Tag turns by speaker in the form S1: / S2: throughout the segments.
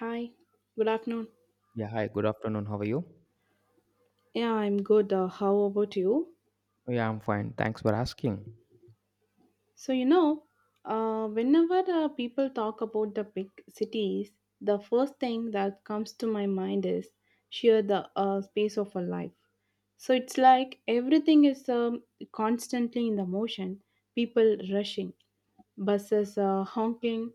S1: Hi, good afternoon.
S2: Yeah, hi, good afternoon. How are you?
S1: Yeah, I'm good. How about you?
S2: Yeah, I'm fine. Thanks for asking.
S1: So, you know, Whenever people talk about the big cities, the first thing that comes to my mind is sheer the space of a life. So, it's like everything is constantly in the motion, people rushing buses honking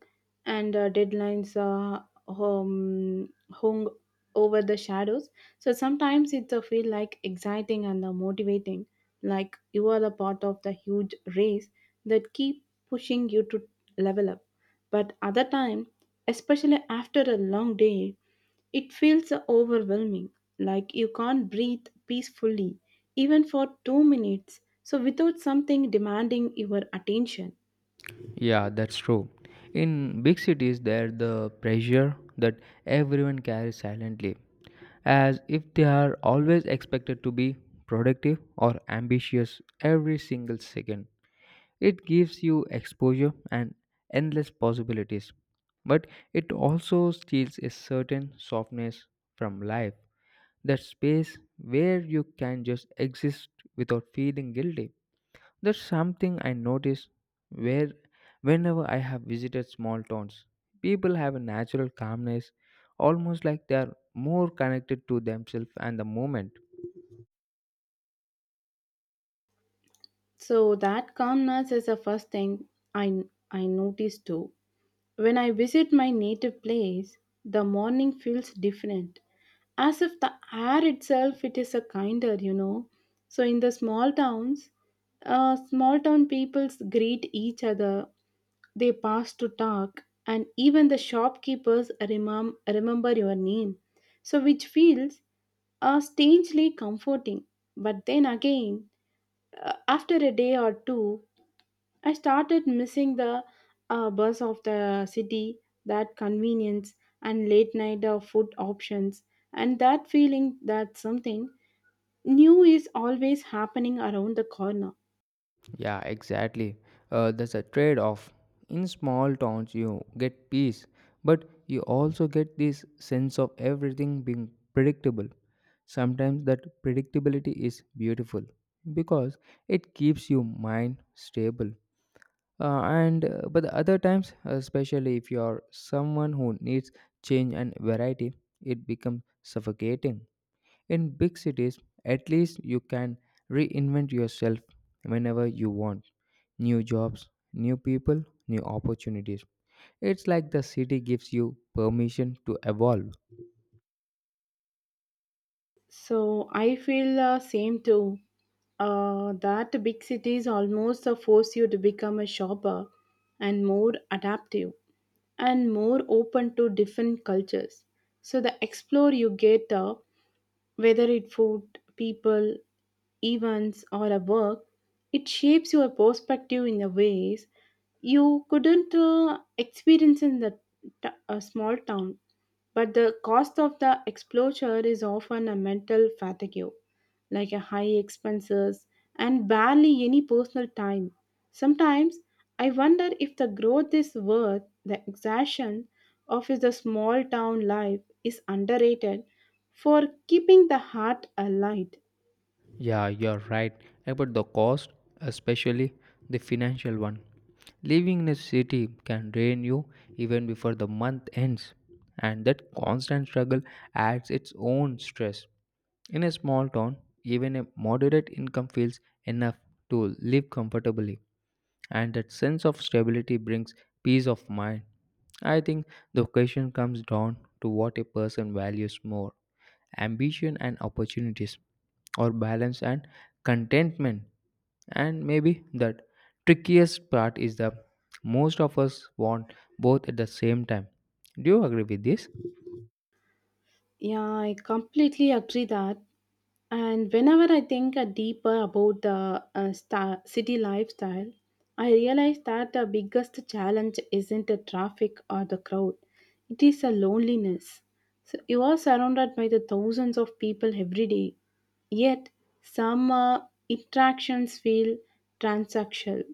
S1: and deadlines hung over the shadows. So sometimes it's a feel like exciting and motivating, like you are a part of the huge race that keep pushing you to level up. But other time, especially after a long day, it feels overwhelming, like you can't breathe peacefully even for 2 minutes. So without something demanding your attention.
S2: Yeah, that's true. In big cities, there's the pressure that everyone carries silently, as if they are always expected to be productive or ambitious every single second. It gives you exposure and endless possibilities, but it also steals a certain softness from life, that space where you can just exist without feeling guilty. That's something I notice where whenever I have visited small towns, people have a natural calmness, almost like they are more connected to themselves and the moment.
S1: So that calmness is the first thing I I notice too. When I visit my native place, the morning feels different, as if the air itself it is a kinder. So in the small towns, small town peoples greet each other. They pass to talk, and even the shopkeepers remember your name. So which feels are strangely comforting. But then again, after a day or two, I started missing the bus of the city, that convenience, and late night food options, and that feeling that something new is always happening around the corner.
S2: Yeah, exactly. There's a trade off. In small towns, you get peace, but you also get this sense of everything being predictable. Sometimes that predictability is beautiful because it keeps your mind stable. And But the other times, especially if you are someone who needs change and variety, it becomes suffocating. In big cities, at least you can reinvent yourself whenever you want, new jobs, new people, new opportunities. It's like the city gives you permission to evolve.
S1: So I feel the same too. That big cities almost force you to become a shopper and more adaptive and more open to different cultures. So the explore you get, whether it food, people, events, or a work, it shapes your perspective in the ways you couldn't experience in the a small town. But the cost of the exposure is often a mental fatigue like a high expenses and barely any personal time. Sometimes I wonder if the growth is worth the exertion of is the small town life is underrated for keeping the heart alight.
S2: Yeah, you're right about the cost, especially the financial one. Living in a city can drain you even before the month ends, and that constant struggle adds its own stress. In a small town, even a moderate income feels enough to live comfortably, and that sense of stability brings peace of mind. I think the question comes down to what a person values more, ambition and opportunities, or balance and contentment. And maybe the trickiest part is the most of us want both at the same time. Do you agree with this?
S1: Yeah, I completely agree that. And whenever I think deeper about the city lifestyle, I realize that the biggest challenge isn't the traffic or the crowd, it is the loneliness. So you are surrounded by the thousands of people every day, yet some interactions feel transactional.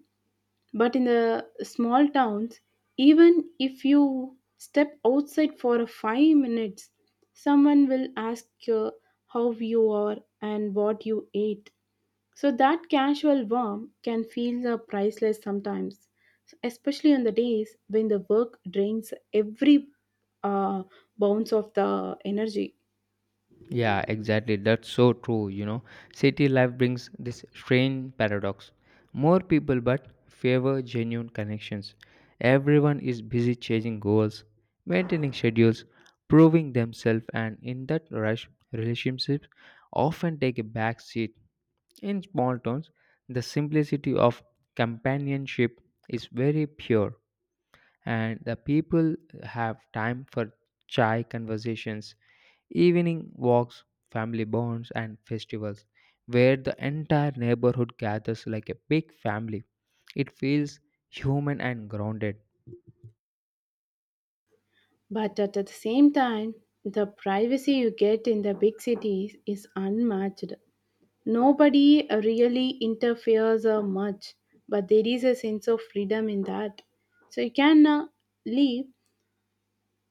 S1: But in the small towns, even if you step outside for 5 minutes, someone will ask you how you are and what you ate. So that casual warmth can feel priceless sometimes, especially on the days when the work drains every uh, bounce of the energy.
S2: Yeah, exactly. That's so true. You know, city life brings this strange paradox. More people, but favor genuine connections. Everyone is busy chasing goals, maintaining schedules, proving themselves, and in that rush, relationships often take a back seat. In small towns, the simplicity of companionship is very pure and the people have time for chai conversations, evening walks, family bonds, and festivals, where the entire neighborhood gathers like a big family. It feels human and grounded.
S1: But at the same time, the privacy you get in the big cities is unmatched. Nobody really interferes much, but there is a sense of freedom in that. So you can live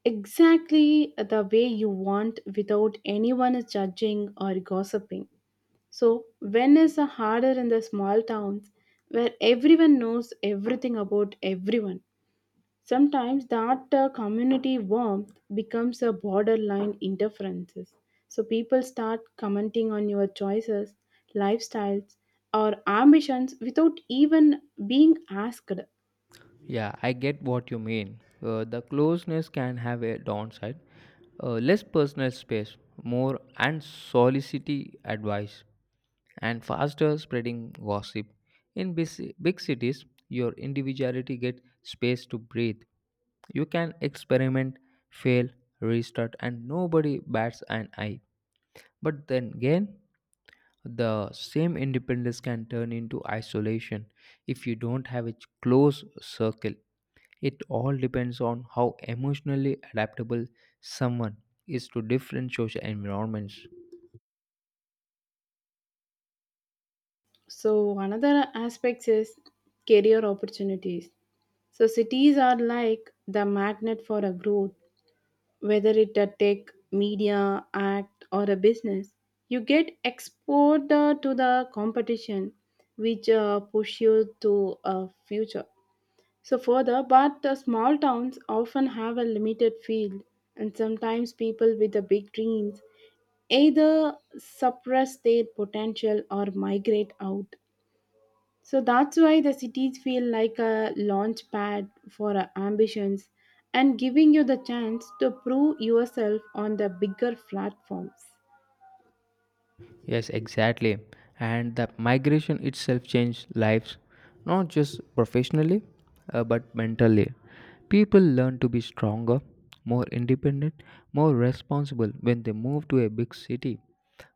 S1: exactly the way you want without anyone judging or gossiping. So, when is harder in the small towns where everyone knows everything about everyone? Sometimes that community warmth becomes a borderline interference. So people start commenting on your choices, lifestyles, or ambitions without even being asked.
S2: Yeah, I get what you mean. The closeness can have a downside. Less personal space, more unsolicited advice, and faster spreading gossip. In busy, big cities, your individuality gets space to breathe. You can experiment, fail, restart, and nobody bats an eye. But then again, the same independence can turn into isolation if you don't have a close circle. It all depends on how emotionally adaptable someone is to different social environments.
S1: So another aspect is career opportunities. So cities are like the magnet for a growth, whether it a tech, media, act, or a business. You get exposed to the competition, which push you to a future. So further, but the small towns often have a limited field, and sometimes people with the big dreams either suppress their potential or migrate out. So that's why the cities feel like a launch pad for our ambitions and giving you the chance to prove yourself on the bigger platforms.
S2: Yes, exactly. And the migration itself changed lives, not just professionally, but mentally. People learn to be stronger, more independent, more responsible when they move to a big city.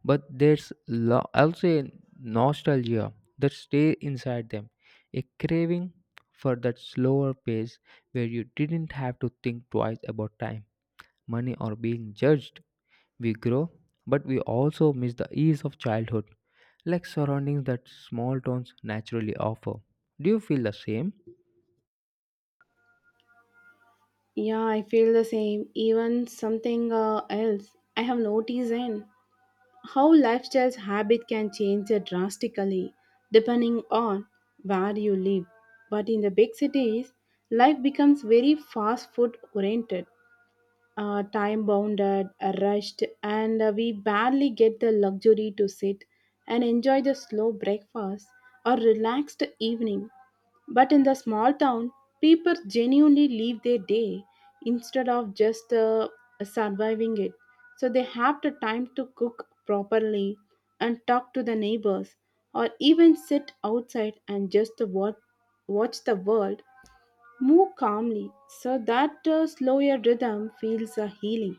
S2: But there's also nostalgia that stays inside them, a craving for that slower pace where you didn't have to think twice about time, money, or being judged. We grow, but we also miss the ease of childhood, like surroundings that small towns naturally offer. Do you feel the same?
S1: Yeah, I feel the same. Even something else I have noticed in how lifestyle's habit can change drastically depending on where you live. But in the big cities, life becomes very fast food oriented, time bounded, rushed, and we barely get the luxury to sit and enjoy the slow breakfast or relaxed evening. But in the small town, people genuinely live their day instead of just surviving it. So they have the time to cook properly and talk to the neighbors or even sit outside and just watch the world move calmly. So that slower rhythm feels healing.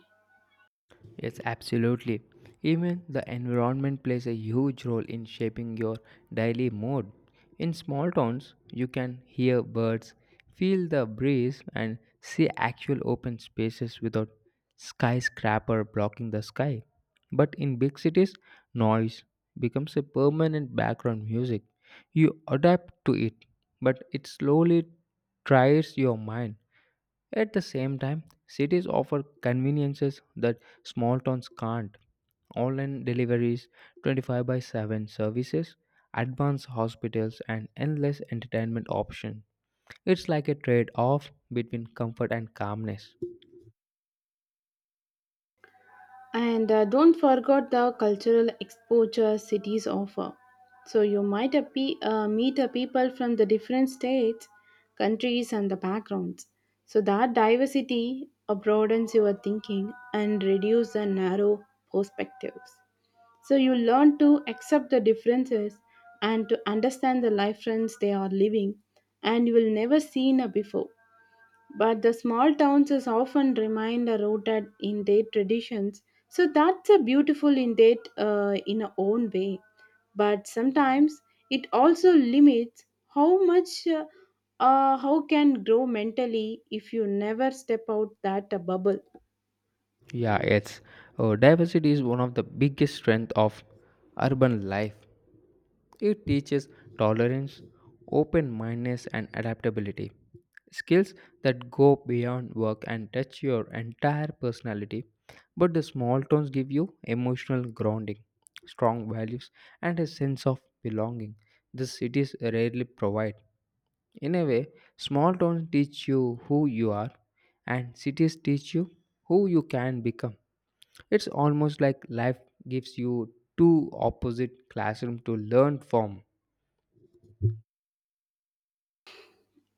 S2: Yes, absolutely. Even the environment plays a huge role in shaping your daily mood. In small towns, you can hear birds, feel the breeze, and see actual open spaces without skyscraper blocking the sky. But in big cities, noise becomes a permanent background music. You adapt to it, but it slowly tries your mind. At the same time, cities offer conveniences that small towns can't. Online deliveries, 25 by 7 services, advanced hospitals, and endless entertainment options. It's like a trade off between comfort and calmness.
S1: And don't forget the cultural exposure cities offer. So you might meet a people from the different states, countries, and the backgrounds. So that diversity broadens your thinking and reduces the narrow perspectives. So you learn to accept the differences and to understand the life trends they are living and you will never seen before. But the small towns is often remained rooted in their traditions, so that's a beautiful in that in a own way. But sometimes it also limits how much how can grow mentally if you never step out that bubble.
S2: Yeah, it's Diversity is one of the biggest strengths of urban life. It teaches tolerance, open mindedness, and adaptability. Skills that go beyond work and touch your entire personality. But the small towns give you emotional grounding, strong values, and a sense of belonging. The cities rarely provide. In a way, small towns teach you who you are, and cities teach you who you can become. It's almost like life gives you two opposite classrooms to learn from.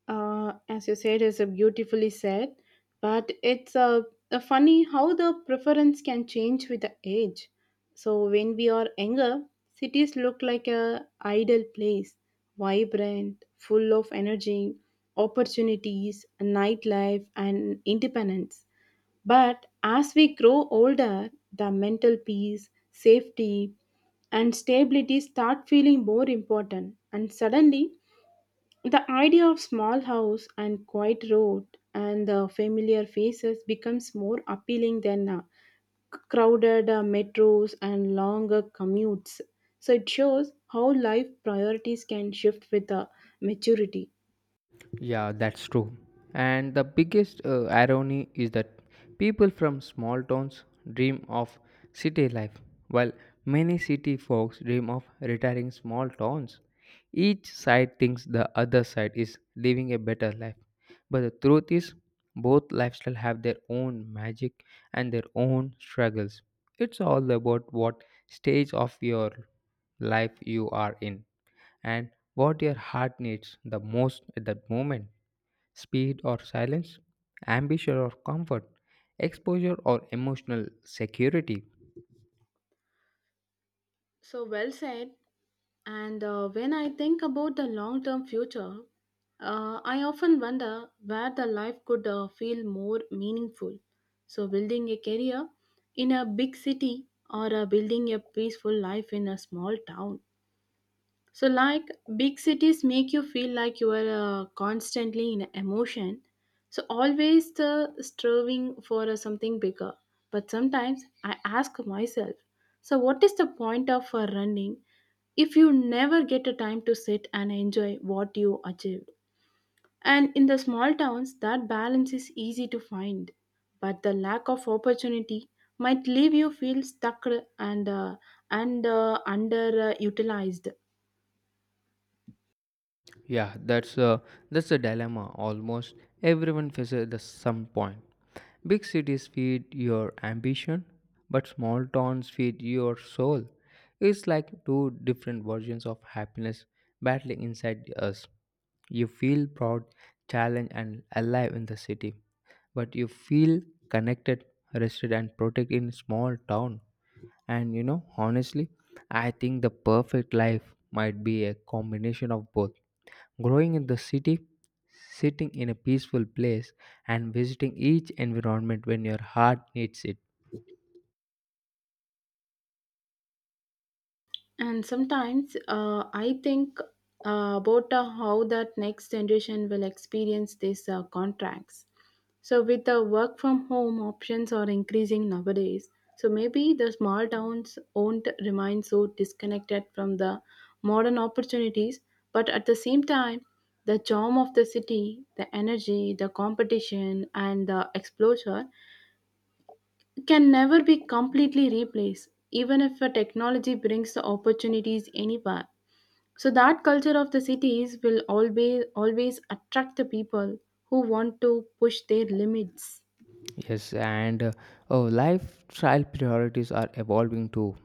S1: As you said, is a beautifully said, but a funny how the preference can change with the age. So when we are younger, cities look like a ideal place, vibrant, full of energy, opportunities, nightlife, and independence. But as we grow older, the mental peace, safety, and stability start feeling more important, and suddenly the idea of small house and quiet road and the familiar faces becomes more appealing than crowded metros and longer commutes. So it shows how life priorities can shift with maturity.
S2: Yeah, that's true. And the biggest irony is that people from small towns dream of city life, while many city folks dream of retiring small towns. Each side thinks the other side is living a better life. But the truth is, both lifestyles have their own magic and their own struggles. It's all about what stage of your life you are in and what your heart needs the most at that moment, speed or silence, ambition or comfort, exposure or emotional security.
S1: So well said. And when I think about the long term future, I often wonder where the life could feel more meaningful. So, building a career in a big city or building a peaceful life in a small town, so, like big cities make you feel like you are constantly in emotion. So, always the striving for something bigger. But sometimes I ask myself, so what is the point of running if you never get a time to sit and enjoy what you achieved? And in the small towns, that balance is easy to find, but the lack of opportunity might leave you feel stuck and uh, and underutilized.
S2: Yeah, that's a dilemma. Almost everyone faces at the some point. Big cities feed your ambition, but small towns feed your soul. It's like two different versions of happiness battling inside us. You feel proud, challenged, and alive in the city, but you feel connected, rested, and protected in small town. And you know, honestly, I think the perfect life might be a combination of both. Growing in the city, sitting in a peaceful place, and visiting each environment when your heart needs it.
S1: And sometimes I think about how that next generation will experience these contracts. So, with the work from home options are increasing nowadays, so maybe the small towns won't remain so disconnected from the modern opportunities, but at the same time, the charm of the city, the energy, the competition, and the exposure can never be completely replaced, even if a technology brings the opportunities anywhere. So that culture of the cities will always always attract the people who want to push their limits.
S2: Yes, and uh, oh, Lifestyle priorities are evolving too.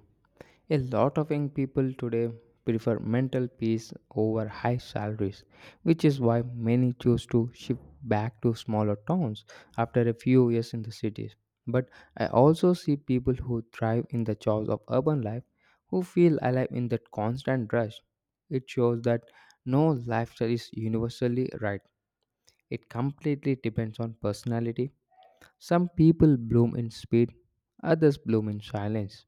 S2: A lot of young people today prefer mental peace over high salaries, which is why many choose to shift back to smaller towns after a few years in the cities. But I also see people who thrive in the chaos of urban life, who feel alive in that constant rush. It shows that no lifestyle is universally right. It completely depends on personality. Some people bloom in speed, others bloom in silence.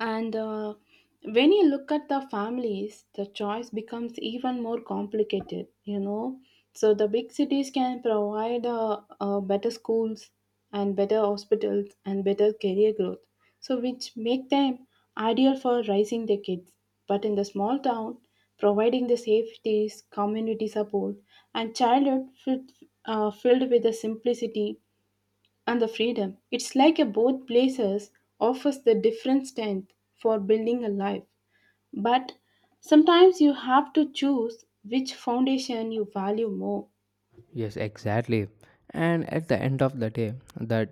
S1: And when you look at the families, the choice becomes even more complicated, you know. So the big cities can provide better schools and better hospitals and better career growth. So which make them ideal for raising their kids. But in the small town, providing the safeties, community support, and childhood fit, filled with the simplicity and the freedom. It's like a both places offers the different strength for building a life. But sometimes you have to choose which foundation you value more.
S2: Yes, exactly. And at the end of the day, the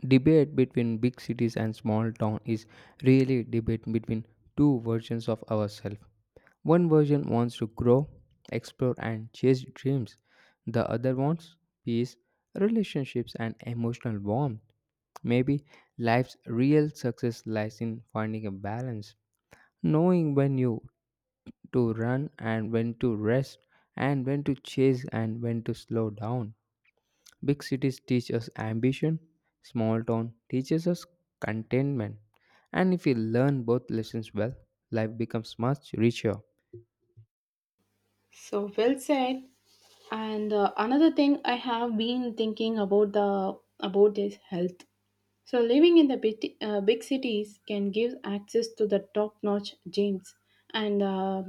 S2: debate between big cities and small town is really debate between two versions of ourselves. One version wants to grow, explore and chase dreams. The other wants peace, relationships and emotional warmth. Maybe life's real success lies in finding a balance, knowing when you to run and when to rest, and when to chase and when to slow down. Big cities teach us ambition, small town teaches us contentment. And if we learn both lessons well, life becomes much richer.
S1: So well said. And another thing I have been thinking about the about is health. So, living in the big cities can give access to the top notch gyms and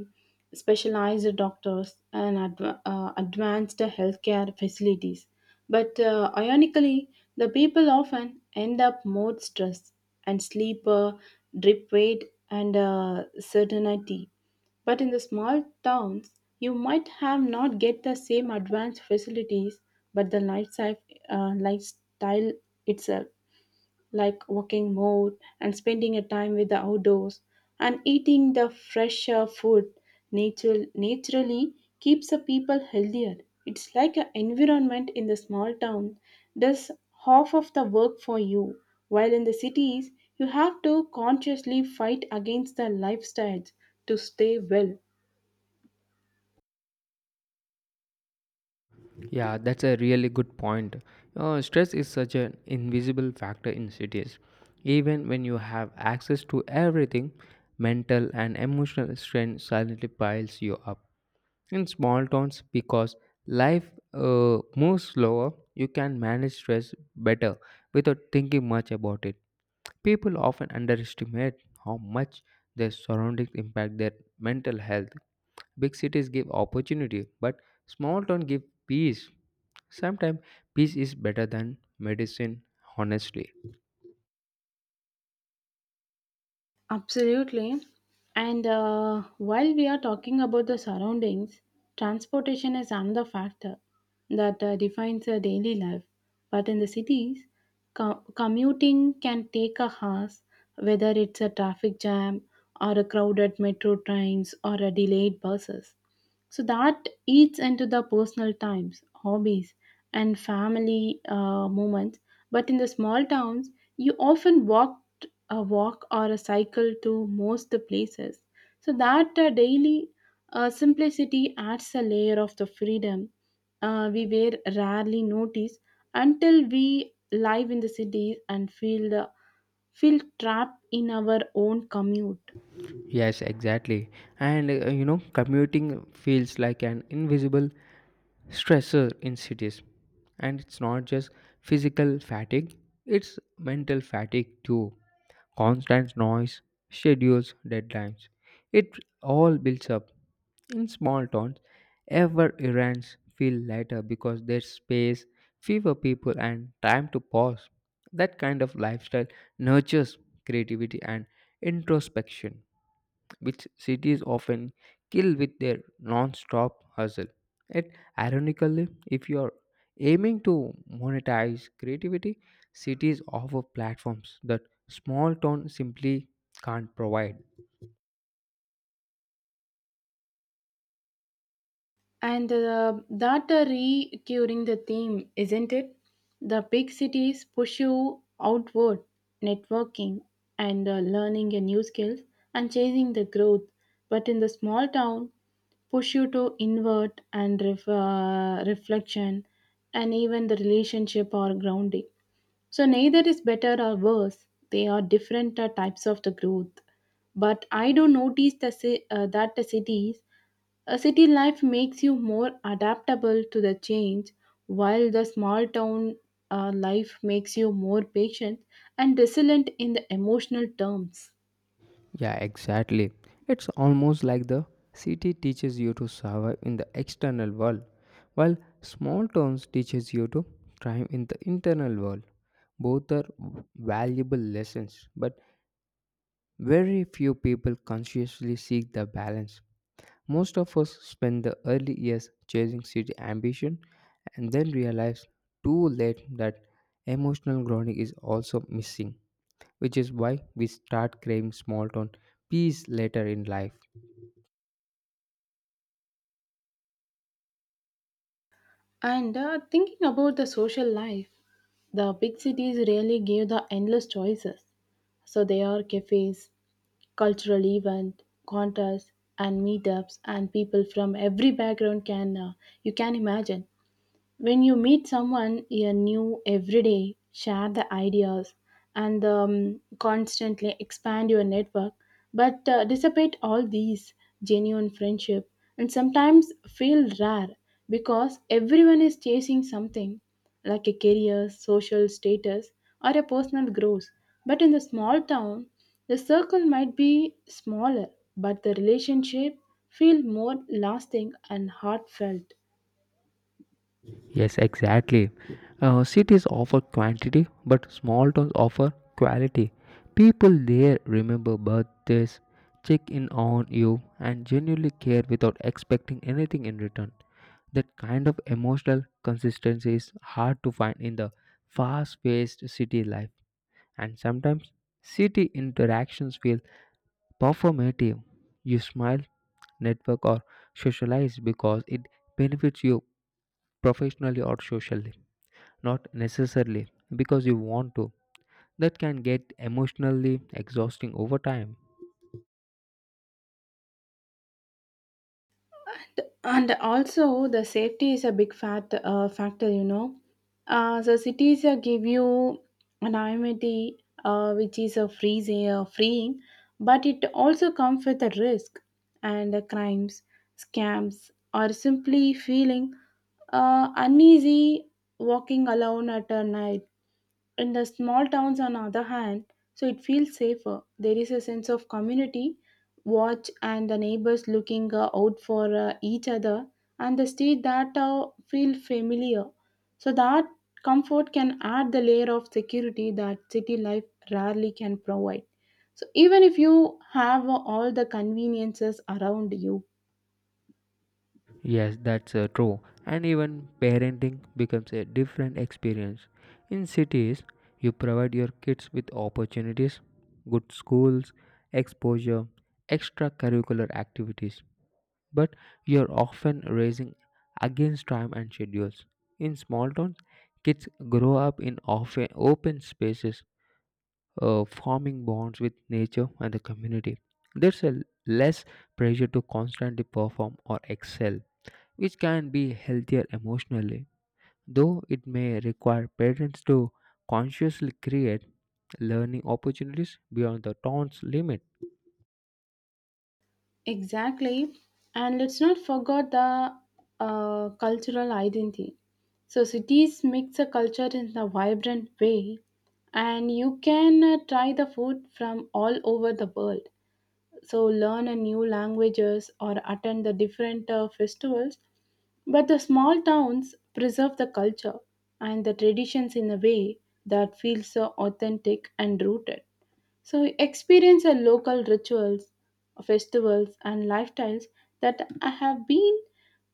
S1: specialized doctors and advanced healthcare facilities. But ironically, the people often end up more stressed and sleep drip weight and certainty. But in the small towns, you might have not get the same advanced facilities, but the lifestyle itself like walking more and spending a time with the outdoors and eating the fresher food naturally keeps the people healthier. It's like an environment in the small town does half of the work for you, while in the cities you have to consciously fight against the lifestyles to stay well.
S2: Yeah, that's a really good point. Stress is such an invisible factor in cities. Even when you have access to everything, mental and emotional strain silently piles you up. In small towns, because life moves slower, you can manage stress better without thinking much about it. People often underestimate how much their surroundings impact their mental health. Big cities give opportunity, but small towns give peace. Sometimes peace is better than medicine, honestly.
S1: Absolutely. And while we are talking about the surroundings, transportation is another factor that defines our daily life. But in the cities, commuting can take a hours, whether it's a traffic jam or a crowded metro trains or a delayed buses. So that eats into the personal times, hobbies, and family moments, but in the small towns, you often walked a walk or a cycle to most the places. So that daily simplicity adds a layer of the freedom we were rarely noticed until we live in the cities and feel feel trapped in our own commute.
S2: Yes, exactly. And you know, commuting feels like an invisible stressor in cities, and it's not just physical fatigue, it's mental fatigue too. Constant noise, schedules, deadlines, it all builds up. In small towns, ever errands feel lighter because there's space, fewer people and time to pause. That kind of lifestyle nurtures creativity and introspection, which cities often kill with their non-stop hustle. Yet, ironically, if you are aiming to monetize creativity, cities offer platforms that small town simply can't provide.
S1: And that recurring the theme, isn't it? The big cities push you outward, networking and learning a new skills and chasing the growth. But in the small town, push you to invert and reflection and even the relationship or grounding. So neither is better or worse. They are different types of the growth. But I do notice that the cities, a city life makes you more adaptable to the change, while the small town life makes you more patient and resilient in the emotional terms.
S2: Yeah, exactly. It's almost like the city teaches you to survive in the external world, while small towns teaches you to thrive in the internal world. Both are valuable lessons, but very few people consciously seek the balance. Most of us spend the early years chasing city ambition and then realize too late that emotional grounding is also missing, which is why we start craving small town peace later in life.
S1: And Thinking about the social life, the big cities really give the endless choices. So there are cafes, cultural event, contests, and meetups, and people from every background can you can imagine. When you meet someone you new every day, share the ideas and constantly expand your network, but dissipate all these genuine friendship and sometimes feel rare because everyone is chasing something like a career, social status, or a personal growth. But in the small town, the circle might be smaller, but the relationship feel more lasting and heartfelt.
S2: Yes, exactly. Cities offer quantity, but small towns offer quality. People there remember birthdays, check in on you, and genuinely care without expecting anything in return. That kind of emotional consistency is hard to find in the fast paced city life. And sometimes city interactions feel performative. You smile, network, or socialize because it benefits you professionally or socially, not necessarily because you want to. That can get emotionally exhausting over time.
S1: And also the safety is a big fat factor, you know. So cities give you anonymity, which is a freezing freeing, but it also comes with a risk and the crimes, scams, or simply feeling uneasy walking alone at a night. In the small towns, on the other hand, so it feels safer. There is a sense of community watch and the neighbors looking out for each other and the street that feel familiar. So that comfort can add the layer of security that city life rarely can provide. So even if you have all the conveniences around you.
S2: Yes, that's True. And even parenting becomes a different experience. In cities, you provide your kids with opportunities, good schools, exposure, extracurricular activities, but you're often racing against time and schedules. In small towns, kids grow up in often open spaces, forming bonds with nature and the community. There's a less pressure to constantly perform or excel, which can be healthier emotionally, though it may require parents to consciously create learning opportunities beyond the town's limits.
S1: Exactly. And let's not forget the cultural identity. So, cities mix a culture in a vibrant way, and you can try the food from all over the world. So, learn a new languages or attend the different festivals. But the small towns preserve the culture and the traditions in a way that feels so authentic and rooted. So experience the local rituals, festivals, and lifestyles that have been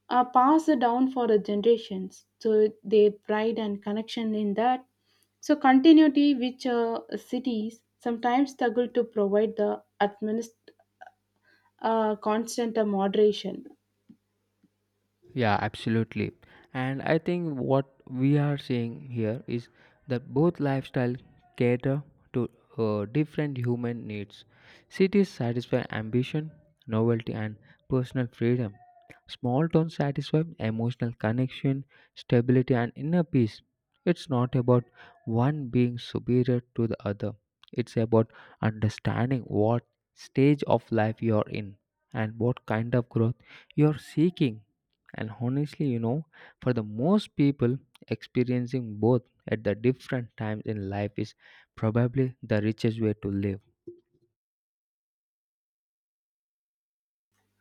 S1: passed down for the generations. So their pride and connection in that. So continuity, which cities sometimes struggle to provide the constant moderation.
S2: Yeah, absolutely. And I think what we are seeing here is that both lifestyle cater to different human needs. Cities satisfy ambition, novelty, and personal freedom. Small towns satisfy emotional connection, stability, and inner peace. It's not about one being superior to the other. It's about understanding what stage of life you're in and what kind of growth you're seeking. And honestly, you know, for the most people, experiencing both at the different times in life is probably the richest way to live.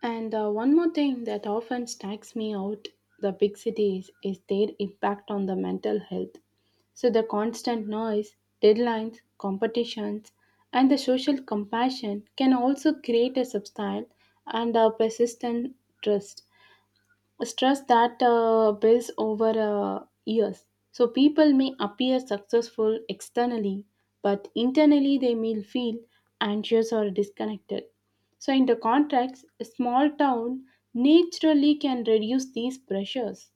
S1: And One more thing that often strikes me out the big cities is their impact on the mental health. So the constant noise, deadlines, competitions, and the social compassion can also create a substyle and a persistent stress that builds over years. So people may appear successful externally, but internally they may feel anxious or disconnected. So, in the context, a small town naturally can reduce these pressures.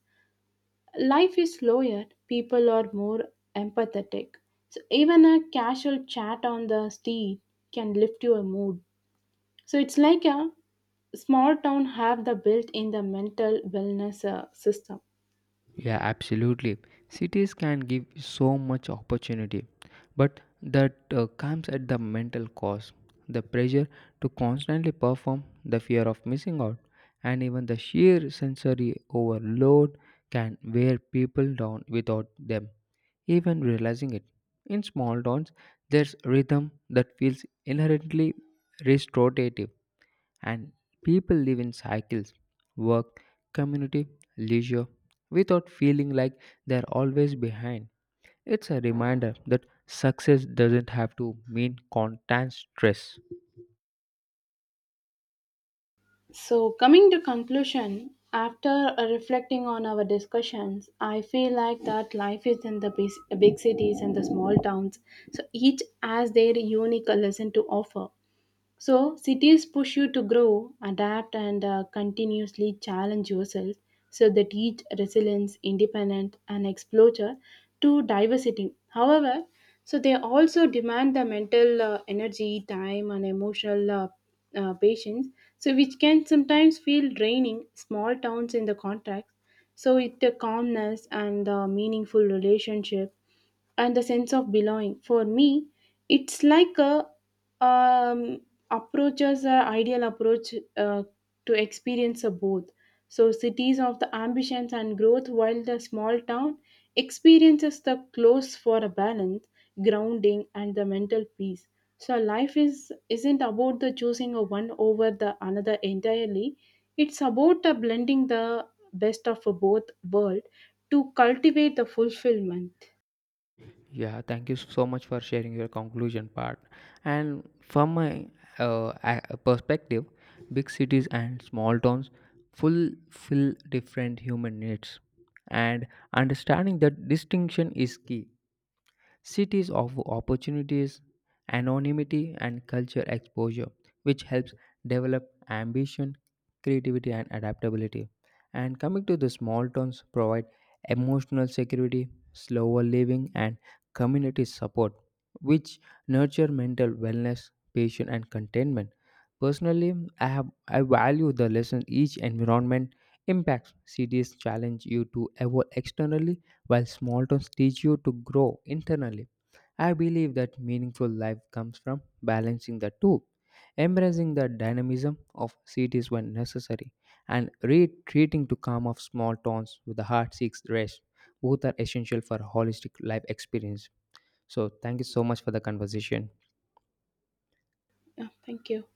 S1: Life is slower, people are more empathetic. So, even a casual chat on the street can lift your mood. So it's like a small town have the built in the mental wellness system.
S2: Yeah, absolutely. Cities can give so much opportunity, but that comes at the mental cost. The pressure to constantly perform, the fear of missing out, and even the sheer sensory overload can wear people down without them even realizing it. In small dawns, there's rhythm that feels inherently restorative, and people live in cycles, work, community, leisure, without feeling like they're always behind. It's a reminder that success doesn't have to mean constant stress.
S1: So coming to conclusion, after reflecting on our discussions, I feel like that life is in the big cities and the small towns. So each has their unique lesson to offer. So, cities push you to grow, adapt, and continuously challenge yourself, so they teach resilience, independence, and exposure to diversity. However, so they also demand the mental energy, time, and emotional patience, so which can sometimes feel draining small towns in the contract. So, with the calmness and the meaningful relationship and the sense of belonging. For me, it's like a um, approaches a ideal approach to experience a both. So cities of the ambitions and growth, while the small town experiences the close for a balance, grounding, and the mental peace. So life is isn't about the choosing of one over the another entirely. It's about the blending the best of both world to cultivate the fulfillment.
S2: Yeah, thank you so much for sharing your conclusion part. And from my perspective, big cities and small towns fulfill different human needs, and understanding that distinction is key. Cities offer opportunities, anonymity, and culture exposure, which helps develop ambition, creativity, and adaptability. And coming to the small towns, provide emotional security, slower living, and community support, which nurture mental wellness, patience, and contentment. Personally, I value the lesson each environment impacts. Cities challenge you to evolve externally while small towns teach you to grow internally. I believe that meaningful life comes from balancing the two, embracing the dynamism of cities when necessary, and retreating to calm of small towns with the heart seeks rest. Both are essential for holistic life experience. So, thank you so much for the conversation.
S1: Yeah, thank you.